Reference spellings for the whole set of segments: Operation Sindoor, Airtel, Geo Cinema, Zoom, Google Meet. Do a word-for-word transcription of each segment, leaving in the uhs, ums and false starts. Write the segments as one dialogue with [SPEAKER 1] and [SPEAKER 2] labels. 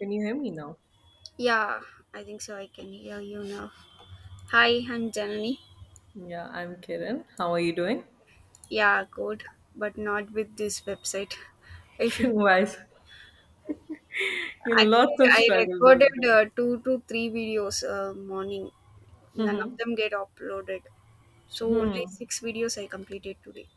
[SPEAKER 1] Can you hear me now?
[SPEAKER 2] Yeah, I think so. I can hear you now. Hi, I'm Janani.
[SPEAKER 1] Yeah, I'm Kiran. How are you doing?
[SPEAKER 2] Yeah, good, but not with this website. I feel so.
[SPEAKER 1] Why? is- You know, Lots
[SPEAKER 2] Actually,
[SPEAKER 1] of
[SPEAKER 2] I
[SPEAKER 1] struggles out
[SPEAKER 2] recorded
[SPEAKER 1] there.
[SPEAKER 2] uh, two to three videos uh, morning. None of
[SPEAKER 1] Mhm.
[SPEAKER 2] them get uploaded. So only
[SPEAKER 1] hmm
[SPEAKER 2] six videos I completed today.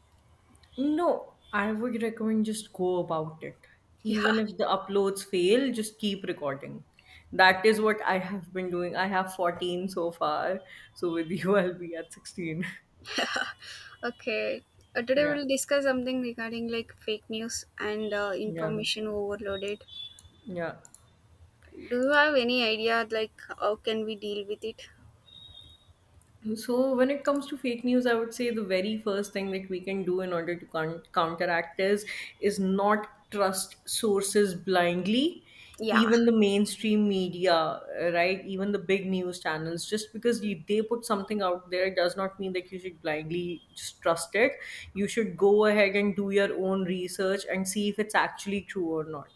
[SPEAKER 1] No, I would recommend just go about it.
[SPEAKER 2] Yeah.
[SPEAKER 1] Even if the uploads fail, just keep recording. That is what I have been doing. I have fourteen so far. So with you, I'll be at sixteen.
[SPEAKER 2] okay. Uh, today
[SPEAKER 1] Yeah,
[SPEAKER 2] we'll discuss something regarding like fake news and uh,
[SPEAKER 1] yeah,
[SPEAKER 2] information overloaded.
[SPEAKER 1] yeah.
[SPEAKER 2] Do you have any idea like how can we deal with it?
[SPEAKER 1] So, when it comes to fake news, I would say the very first thing that we can do in order to coun- counteract is is not trust sources blindly.
[SPEAKER 2] Yeah.
[SPEAKER 1] Even the mainstream media, uh, right? Even the big news channels, just because you, they put something out there does not mean that you should blindly just trust it. You should go ahead and do your own research and see if it's actually true or not.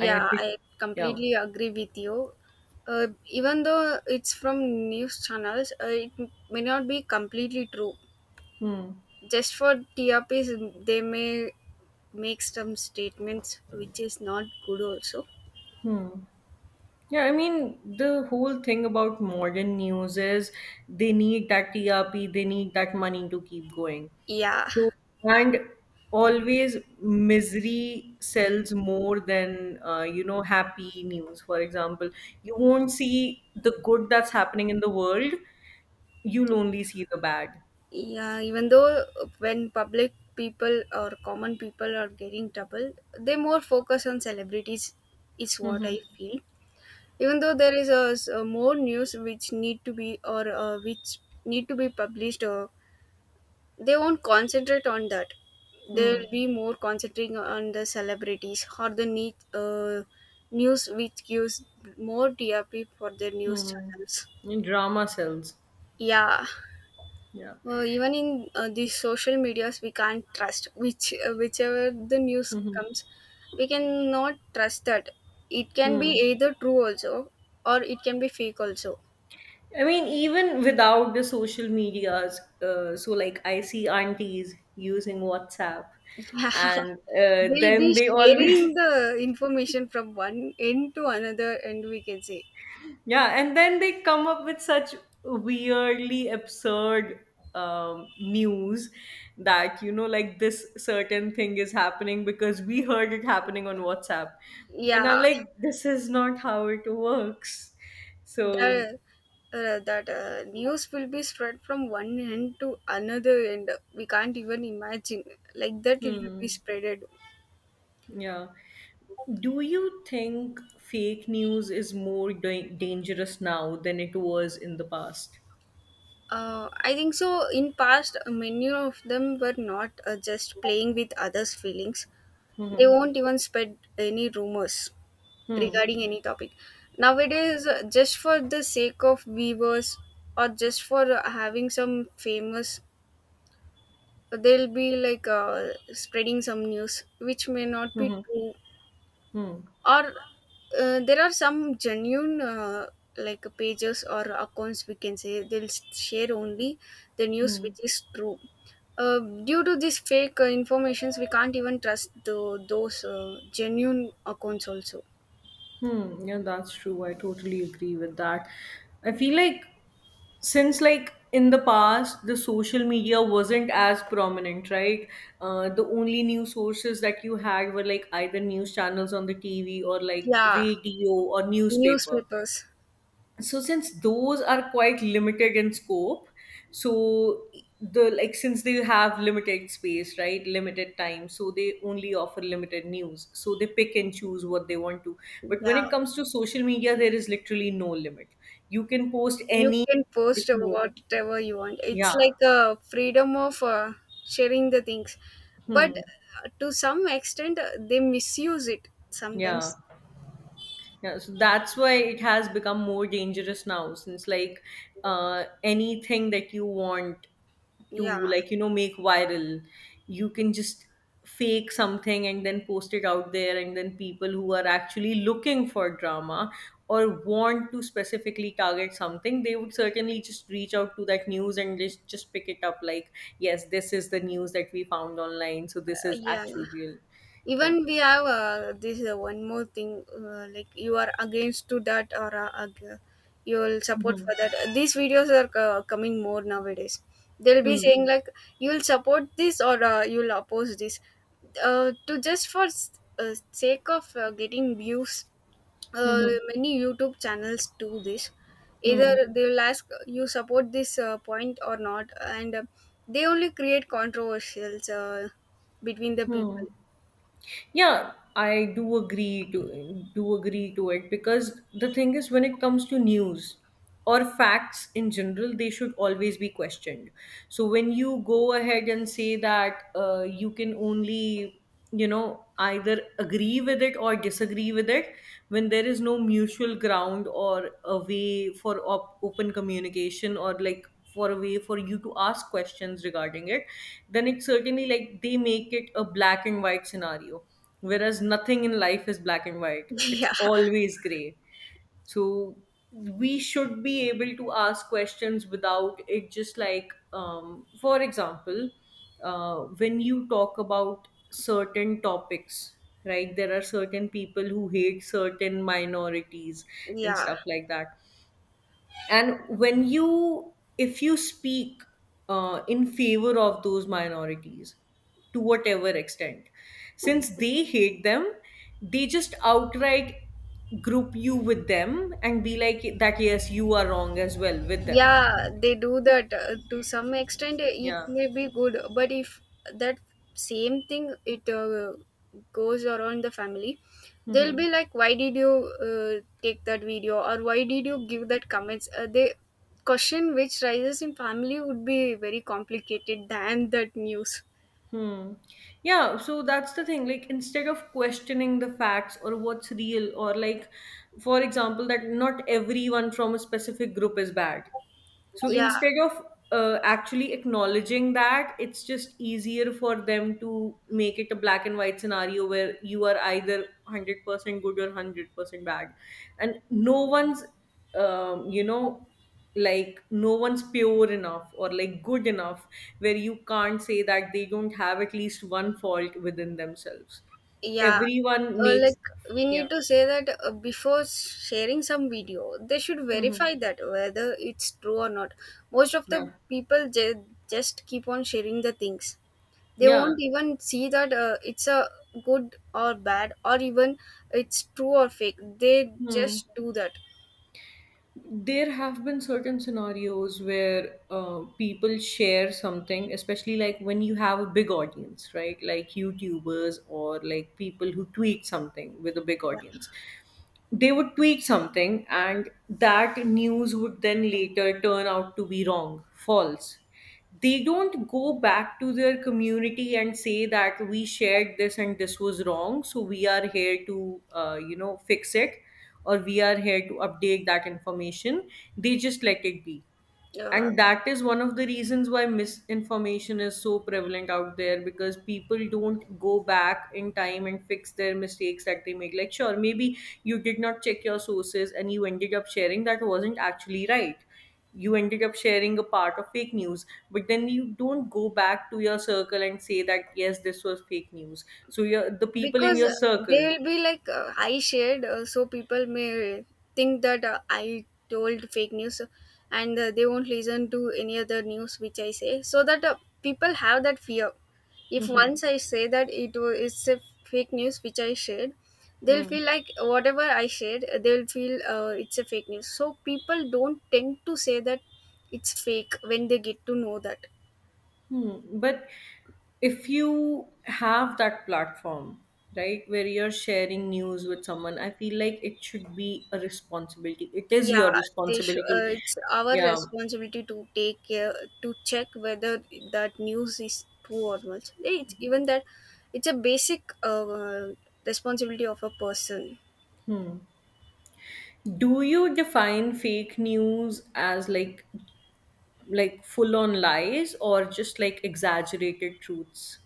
[SPEAKER 1] And if it,
[SPEAKER 2] I
[SPEAKER 1] yeah.
[SPEAKER 2] completely agree with you. Uh, even though it's from news channels, uh, it may not be completely true.
[SPEAKER 1] Hmm.
[SPEAKER 2] Just for T R Ps, they may make some statements which is not good also.
[SPEAKER 1] Hmm. Yeah, I mean, the whole thing about modern news is they need that T R P, they need that money to keep going.
[SPEAKER 2] Yeah,
[SPEAKER 1] So, and always misery sells more than, uh, you know, happy news. For example, you won't see the good that's happening in the world, you'll only see the bad.
[SPEAKER 2] yeah. Even though when public people or common people are getting trouble, they more focus on celebrities. Is what
[SPEAKER 1] hmm
[SPEAKER 2] I feel. Even though there is a, s- a more news which need to be or uh, which need to be published uh, they won't concentrate on that.
[SPEAKER 1] Hmm.
[SPEAKER 2] They'll be more concentrating on the celebrities or the need, uh, news which gives more T R P for their news
[SPEAKER 1] Hmm.
[SPEAKER 2] channels.
[SPEAKER 1] And drama sells.
[SPEAKER 2] Yeah,
[SPEAKER 1] Yeah.
[SPEAKER 2] uh, even in uh, these social medias we can't trust which uh, whichever the news
[SPEAKER 1] hmm
[SPEAKER 2] comes. We cannot trust that. It can be
[SPEAKER 1] Hmm.
[SPEAKER 2] either true also, or it can be fake also.
[SPEAKER 1] I mean, even without the social medias, uh, so like I see aunties using WhatsApp,
[SPEAKER 2] Yeah,
[SPEAKER 1] and uh,
[SPEAKER 2] they'll
[SPEAKER 1] then
[SPEAKER 2] be
[SPEAKER 1] they
[SPEAKER 2] sharing
[SPEAKER 1] always,
[SPEAKER 2] the information from one end to another end we can say.
[SPEAKER 1] yeah, and then they come up with such weirdly absurd um, news that, you know, like this certain thing is happening because we heard it happening on WhatsApp. And
[SPEAKER 2] Yeah,
[SPEAKER 1] I'm like, this is not how it works. So,
[SPEAKER 2] the uh, that uh, news will be spread from one end to another end. We can't even imagine like that it will be
[SPEAKER 1] hmm,
[SPEAKER 2] spreaded.
[SPEAKER 1] yeah. Do you think fake news is more da- dangerous now than it was in the past?
[SPEAKER 2] Uh, i think so in past many of them were not uh, just playing with others feelings. They
[SPEAKER 1] Mm-hmm.
[SPEAKER 2] won't even spread any rumors
[SPEAKER 1] Hmm.
[SPEAKER 2] regarding any topic. Nowadays uh, just for the sake of viewers, or just for uh, having some famous, they'll be like uh, spreading some news which may not
[SPEAKER 1] Hmm.
[SPEAKER 2] be
[SPEAKER 1] Hmm.
[SPEAKER 2] true.
[SPEAKER 1] Hmm.
[SPEAKER 2] Or uh, there are some genuine uh, like pages or accounts we can say they'll s- share only the news
[SPEAKER 1] Hmm.
[SPEAKER 2] which is true. uh, Due to these fake uh, informations we can't even trust the, those uh, genuine accounts also.
[SPEAKER 1] hmm. Yeah, that's true. I totally agree with that. I feel like, since like in the past the social media wasn't as prominent, right? Uh, the only news sources that you had were like either news channels on the T V or like
[SPEAKER 2] Yeah,
[SPEAKER 1] radio or newspaper.
[SPEAKER 2] newspapers.
[SPEAKER 1] So since those are quite limited in scope, so the like since they have limited space, right, limited time, so they only offer limited news, so they pick and choose what they want to. But when
[SPEAKER 2] Yeah,
[SPEAKER 1] it comes to social media there is literally no limit. You can post
[SPEAKER 2] you
[SPEAKER 1] any
[SPEAKER 2] can
[SPEAKER 1] that
[SPEAKER 2] post
[SPEAKER 1] you want.
[SPEAKER 2] whatever you want. It's
[SPEAKER 1] Yeah.
[SPEAKER 2] like a freedom of uh, sharing the things. But
[SPEAKER 1] Hmm.
[SPEAKER 2] uh, to some extent uh, they misuse it
[SPEAKER 1] Yeah.
[SPEAKER 2] sometimes.
[SPEAKER 1] Yeah, so that's why it has become more dangerous now, since like uh, anything that you want
[SPEAKER 2] Yeah,
[SPEAKER 1] to, like, you know, make viral, you can just fake something and then post it out there, and then people who are actually looking for drama or want to specifically target something, they would certainly just reach out to that news and just just pick it up like, yes, this is the news that we found online, so this is
[SPEAKER 2] yeah.
[SPEAKER 1] actual real. Yeah.
[SPEAKER 2] Even we have uh, this uh, one more thing uh, like you are against to that, or uh, ag- you will support
[SPEAKER 1] Hmm.
[SPEAKER 2] for that. These videos are uh, coming more nowadays. They'll be
[SPEAKER 1] Hmm.
[SPEAKER 2] saying like you'll support this, or uh, you'll oppose this uh, to just for s- uh, sake of uh, getting views. uh,
[SPEAKER 1] Hmm.
[SPEAKER 2] Many YouTube channels do this. Either
[SPEAKER 1] Hmm.
[SPEAKER 2] they'll ask you support this uh, point or not, and uh, they only create controversials uh, between the
[SPEAKER 1] Hmm.
[SPEAKER 2] people.
[SPEAKER 1] Yeah, I do agree to do agree to it, because the thing is when it comes to news or facts in general, they should always be questioned. So when you go ahead and say that uh, you can only, you know, either agree with it or disagree with it, when there is no mutual ground or a way for op- open communication, or like for a way for you to ask questions regarding it, then it's certainly like they make it a black and white scenario, whereas nothing in life is black and white, it's
[SPEAKER 2] Yeah,
[SPEAKER 1] always gray. So we should be able to ask questions without it, just like um, for example, uh, when you talk about certain topics, right, there are certain people who hate certain minorities and
[SPEAKER 2] yeah.
[SPEAKER 1] stuff like that. And when you if you speak uh, in favor of those minorities, to whatever extent, since they hate them, they just outright group you with them and be like that, yes, you are wrong as well with them.
[SPEAKER 2] Yeah, they do that uh, to some extent. uh, It
[SPEAKER 1] Yeah.
[SPEAKER 2] may be good, but if that same thing it uh, goes around the family, they'll
[SPEAKER 1] Hmm.
[SPEAKER 2] be like, "Why did you uh, take that video?" or "Why did you give that comments?" Uh, they question which rises in family would be very complicated than that news.
[SPEAKER 1] Hmm. Yeah, so that's the thing. Like, instead of questioning the facts or what's real, or like, for example, that not everyone from a specific group is bad. So
[SPEAKER 2] Yeah,
[SPEAKER 1] instead of uh, actually acknowledging that, it's just easier for them to make it a black and white scenario where you are either one hundred percent good or one hundred percent bad. And no one's, um, you know, like no one's pure enough or like good enough, where you can't say that they don't have at least one fault within themselves.
[SPEAKER 2] yeah,
[SPEAKER 1] Everyone
[SPEAKER 2] uh, like
[SPEAKER 1] makes,
[SPEAKER 2] we
[SPEAKER 1] yeah.
[SPEAKER 2] need to say that uh, before sharing some video, they should
[SPEAKER 1] Hmm.
[SPEAKER 2] verify that whether it's true or not. Most of the
[SPEAKER 1] Yeah.
[SPEAKER 2] people ju- just keep on sharing the things. They
[SPEAKER 1] Yeah.
[SPEAKER 2] won't even see that uh, it's a good or bad or even it's true or fake. They
[SPEAKER 1] Hmm.
[SPEAKER 2] just do that.
[SPEAKER 1] There have been certain scenarios where uh, people share something, especially like when you have a big audience, right, like youtubers or like people who tweet something with a big audience. They would tweet something and that news would then later turn out to be wrong, false. They don't go back to their community and say that we shared this and this was wrong, so we are here to uh, you know, fix it or we are here to update that information. They just let it be.
[SPEAKER 2] Yeah. Uh,
[SPEAKER 1] And that is one of the reasons why misinformation is so prevalent out there, because people don't go back in time and fix their mistakes that they make. Like, sure, maybe you did not check your sources and you ended up sharing that wasn't actually right, you ended up sharing a part of fake news, but then you don't go back to your circle and say that yes, this was fake news, so your the people in
[SPEAKER 2] because
[SPEAKER 1] your
[SPEAKER 2] they
[SPEAKER 1] circle
[SPEAKER 2] will be like uh, I shared, uh, so people may think that uh, I told fake news, and uh, they won't listen to any other news which I say. So that uh, people have that fear. If
[SPEAKER 1] Mhm.
[SPEAKER 2] once I say that it is a fake news which I shared,
[SPEAKER 1] Hmm.
[SPEAKER 2] they'll
[SPEAKER 1] Hmm.
[SPEAKER 2] feel like whatever I shared uh, they'll feel uh, it's a fake news, so people don't tend to say that it's fake when they get to know that.
[SPEAKER 1] Hmm. But if you have that platform, right, where you're sharing news with someone, I feel like it should be a responsibility. It is your
[SPEAKER 2] Yeah, they should uh,
[SPEAKER 1] responsibility.
[SPEAKER 2] it's our
[SPEAKER 1] Yeah.
[SPEAKER 2] responsibility to take care, to check whether that news is true or not. Yeah, it's even that it's a basic uh, responsibility of a person.
[SPEAKER 1] Do you define fake news as like like full on lies or just like exaggerated truths?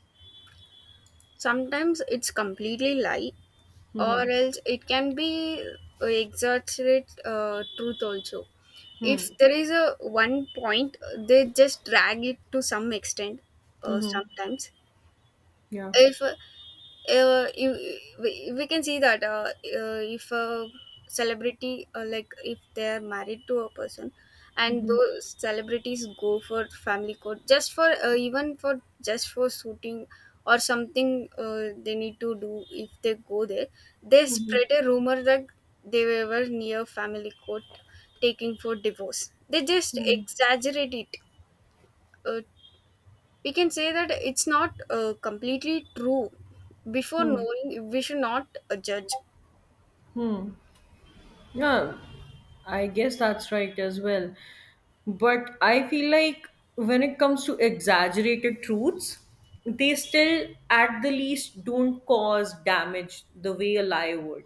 [SPEAKER 2] Sometimes it's completely lie, or
[SPEAKER 1] Mm-hmm.
[SPEAKER 2] else it can be uh, exaggerate uh, truth also.
[SPEAKER 1] Hmm.
[SPEAKER 2] If there is a one point, they just drag it to some extent uh,
[SPEAKER 1] Mm-hmm.
[SPEAKER 2] sometimes.
[SPEAKER 1] Yeah.
[SPEAKER 2] If uh, you, we, we, can see that uh, uh, if a celebrity uh, like if they are married to a person, and
[SPEAKER 1] Mm-hmm.
[SPEAKER 2] those celebrities go for family court just for uh, even for just for shooting or something uh, they need to do, if they go there they
[SPEAKER 1] Mm-hmm.
[SPEAKER 2] spread a rumor that they were near family court taking for divorce. They just
[SPEAKER 1] Hmm.
[SPEAKER 2] exaggerate it. uh, we can say that it's not uh, completely true. Before
[SPEAKER 1] Hmm.
[SPEAKER 2] knowing we should not uh, judge.
[SPEAKER 1] Hmm. Yeah, I guess that's right as well. But I feel like when it comes to exaggerated truths, they still, at the least, don't cause damage the way a lie would,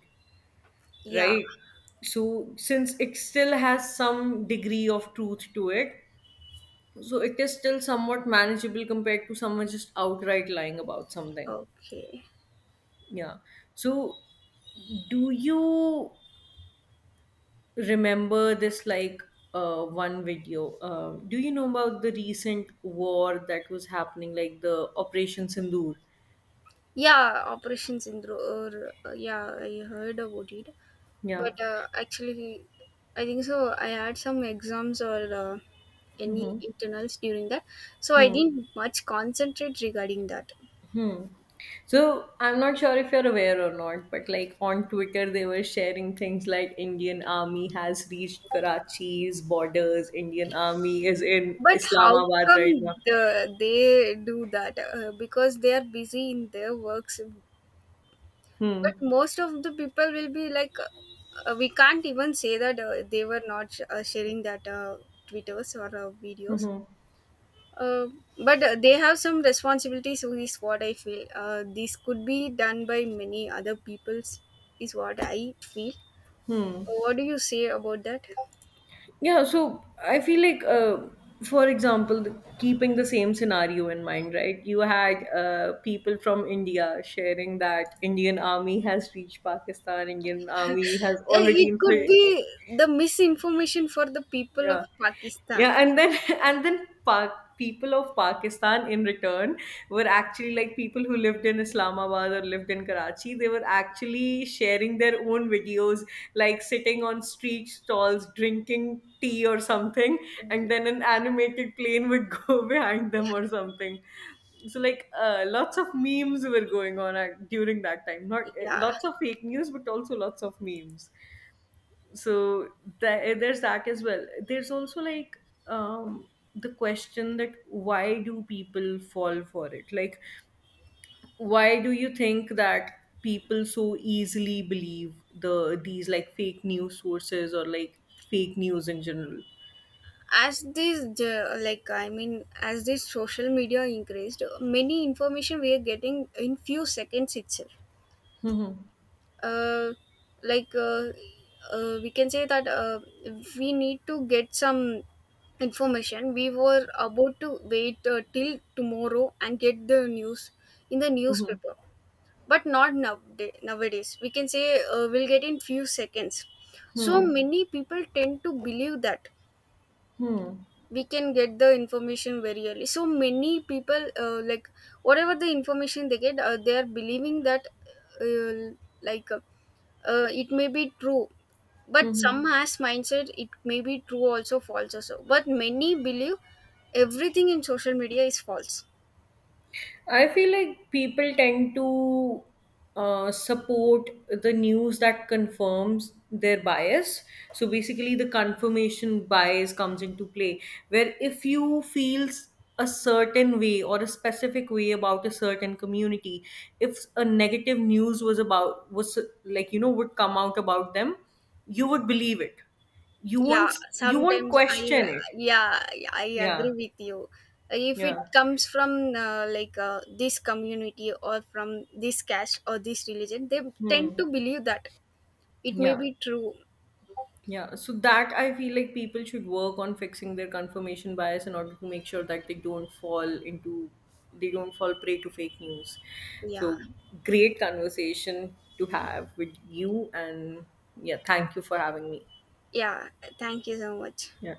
[SPEAKER 2] Yeah,
[SPEAKER 1] right? So, since it still has some degree of truth to it, so it is still somewhat manageable compared to someone just outright lying about something.
[SPEAKER 2] okay.
[SPEAKER 1] Yeah. So, do you remember this like uh, one video. Uh, do you know about the recent war that was happening, like the Operation Sindoor?
[SPEAKER 2] Yeah, Operation Syndrome, or uh, yeah, I heard about it.
[SPEAKER 1] Yeah.
[SPEAKER 2] But uh, actually I think so I had some exams or uh, any
[SPEAKER 1] Hmm.
[SPEAKER 2] internals during that, so I
[SPEAKER 1] Hmm.
[SPEAKER 2] didn't much concentrate regarding that.
[SPEAKER 1] Hmm. So I'm not sure if you're aware or not, but like on Twitter, they were sharing things like Indian Army has reached Karachi's borders. Indian Army is in
[SPEAKER 2] But how
[SPEAKER 1] Islamabad
[SPEAKER 2] come
[SPEAKER 1] right now.
[SPEAKER 2] the, they do that uh, because they are busy in their works.
[SPEAKER 1] Hmm.
[SPEAKER 2] But most of the people will be like uh, we can't even say that uh, they were not sh- uh, sharing that uh, twitters or uh, videos.
[SPEAKER 1] Hmm.
[SPEAKER 2] uh, but uh, they have some responsibilities is what I feel. Uh, this could be done by many other peoples is what I feel.
[SPEAKER 1] Hmm.
[SPEAKER 2] Uh, what do you say about that?
[SPEAKER 1] Yeah, so I feel like, uh, for example, the, keeping the same scenario in mind, right? You had uh, people from India sharing that Indian army has reached Pakistan, Indian army has
[SPEAKER 2] Uh, it
[SPEAKER 1] already
[SPEAKER 2] could
[SPEAKER 1] infl-
[SPEAKER 2] be the misinformation for the people of
[SPEAKER 1] yeah.
[SPEAKER 2] Pakistan.
[SPEAKER 1] Yeah, and then and then Pak people of Pakistan in return were actually like people who lived in Islamabad or lived in Karachi. They were actually sharing their own videos, like sitting on street stalls, drinking tea or something, and then an animated plane would go behind them or something. So like uh, lots of memes were going on at, during that time. Not uh,
[SPEAKER 2] Yeah,
[SPEAKER 1] lots of fake news, but also lots of memes. So the, there's that as well. There's also like um the question that, why do people fall for it? Like why do you think that people so easily believe the these like fake news sources, or like fake news in general?
[SPEAKER 2] as this the- like I mean, as this social media increased, many information we are getting in few seconds itself.
[SPEAKER 1] Hmm.
[SPEAKER 2] uh, like uh, uh, we can say that uh, we need to get some information. We were about to wait uh, till tomorrow and get the news in the
[SPEAKER 1] Hmm.
[SPEAKER 2] newspaper, but not now. Nowadays we can say uh, we'll get in few seconds. So Mm.
[SPEAKER 1] Hmm.
[SPEAKER 2] many people tend to believe that
[SPEAKER 1] Hmm. Hmm.
[SPEAKER 2] we can get the information very early. So many people uh, like whatever the information they get uh, they are believing that uh, like uh, uh, it may be true. But
[SPEAKER 1] Hmm.
[SPEAKER 2] some has mindset it may be true also, false also. But many believe everything in social media is false.
[SPEAKER 1] I feel like people tend to uh, support the news that confirms their bias. So basically, the confirmation bias comes into play, where if you feel s- a certain way or a specific way about a certain community, if a negative news was about was, like you know, would come out about them, you would believe it. You
[SPEAKER 2] Yeah,
[SPEAKER 1] won't you won't
[SPEAKER 2] sometimes I,
[SPEAKER 1] question it.
[SPEAKER 2] yeah, I
[SPEAKER 1] Yeah,
[SPEAKER 2] agree with you. If it
[SPEAKER 1] yeah,
[SPEAKER 2] comes from uh, like uh, this community or from this caste or this religion, they tend
[SPEAKER 1] hmm.
[SPEAKER 2] to believe that it may
[SPEAKER 1] Yeah.
[SPEAKER 2] be true.
[SPEAKER 1] Yeah, so that I feel like people should work on fixing their confirmation bias in order to make sure that they don't fall into they don't fall prey to fake news.
[SPEAKER 2] Yeah.
[SPEAKER 1] So great conversation to have with you and yeah, thank you for having me.
[SPEAKER 2] Yeah. Thank you so much.
[SPEAKER 1] Yeah.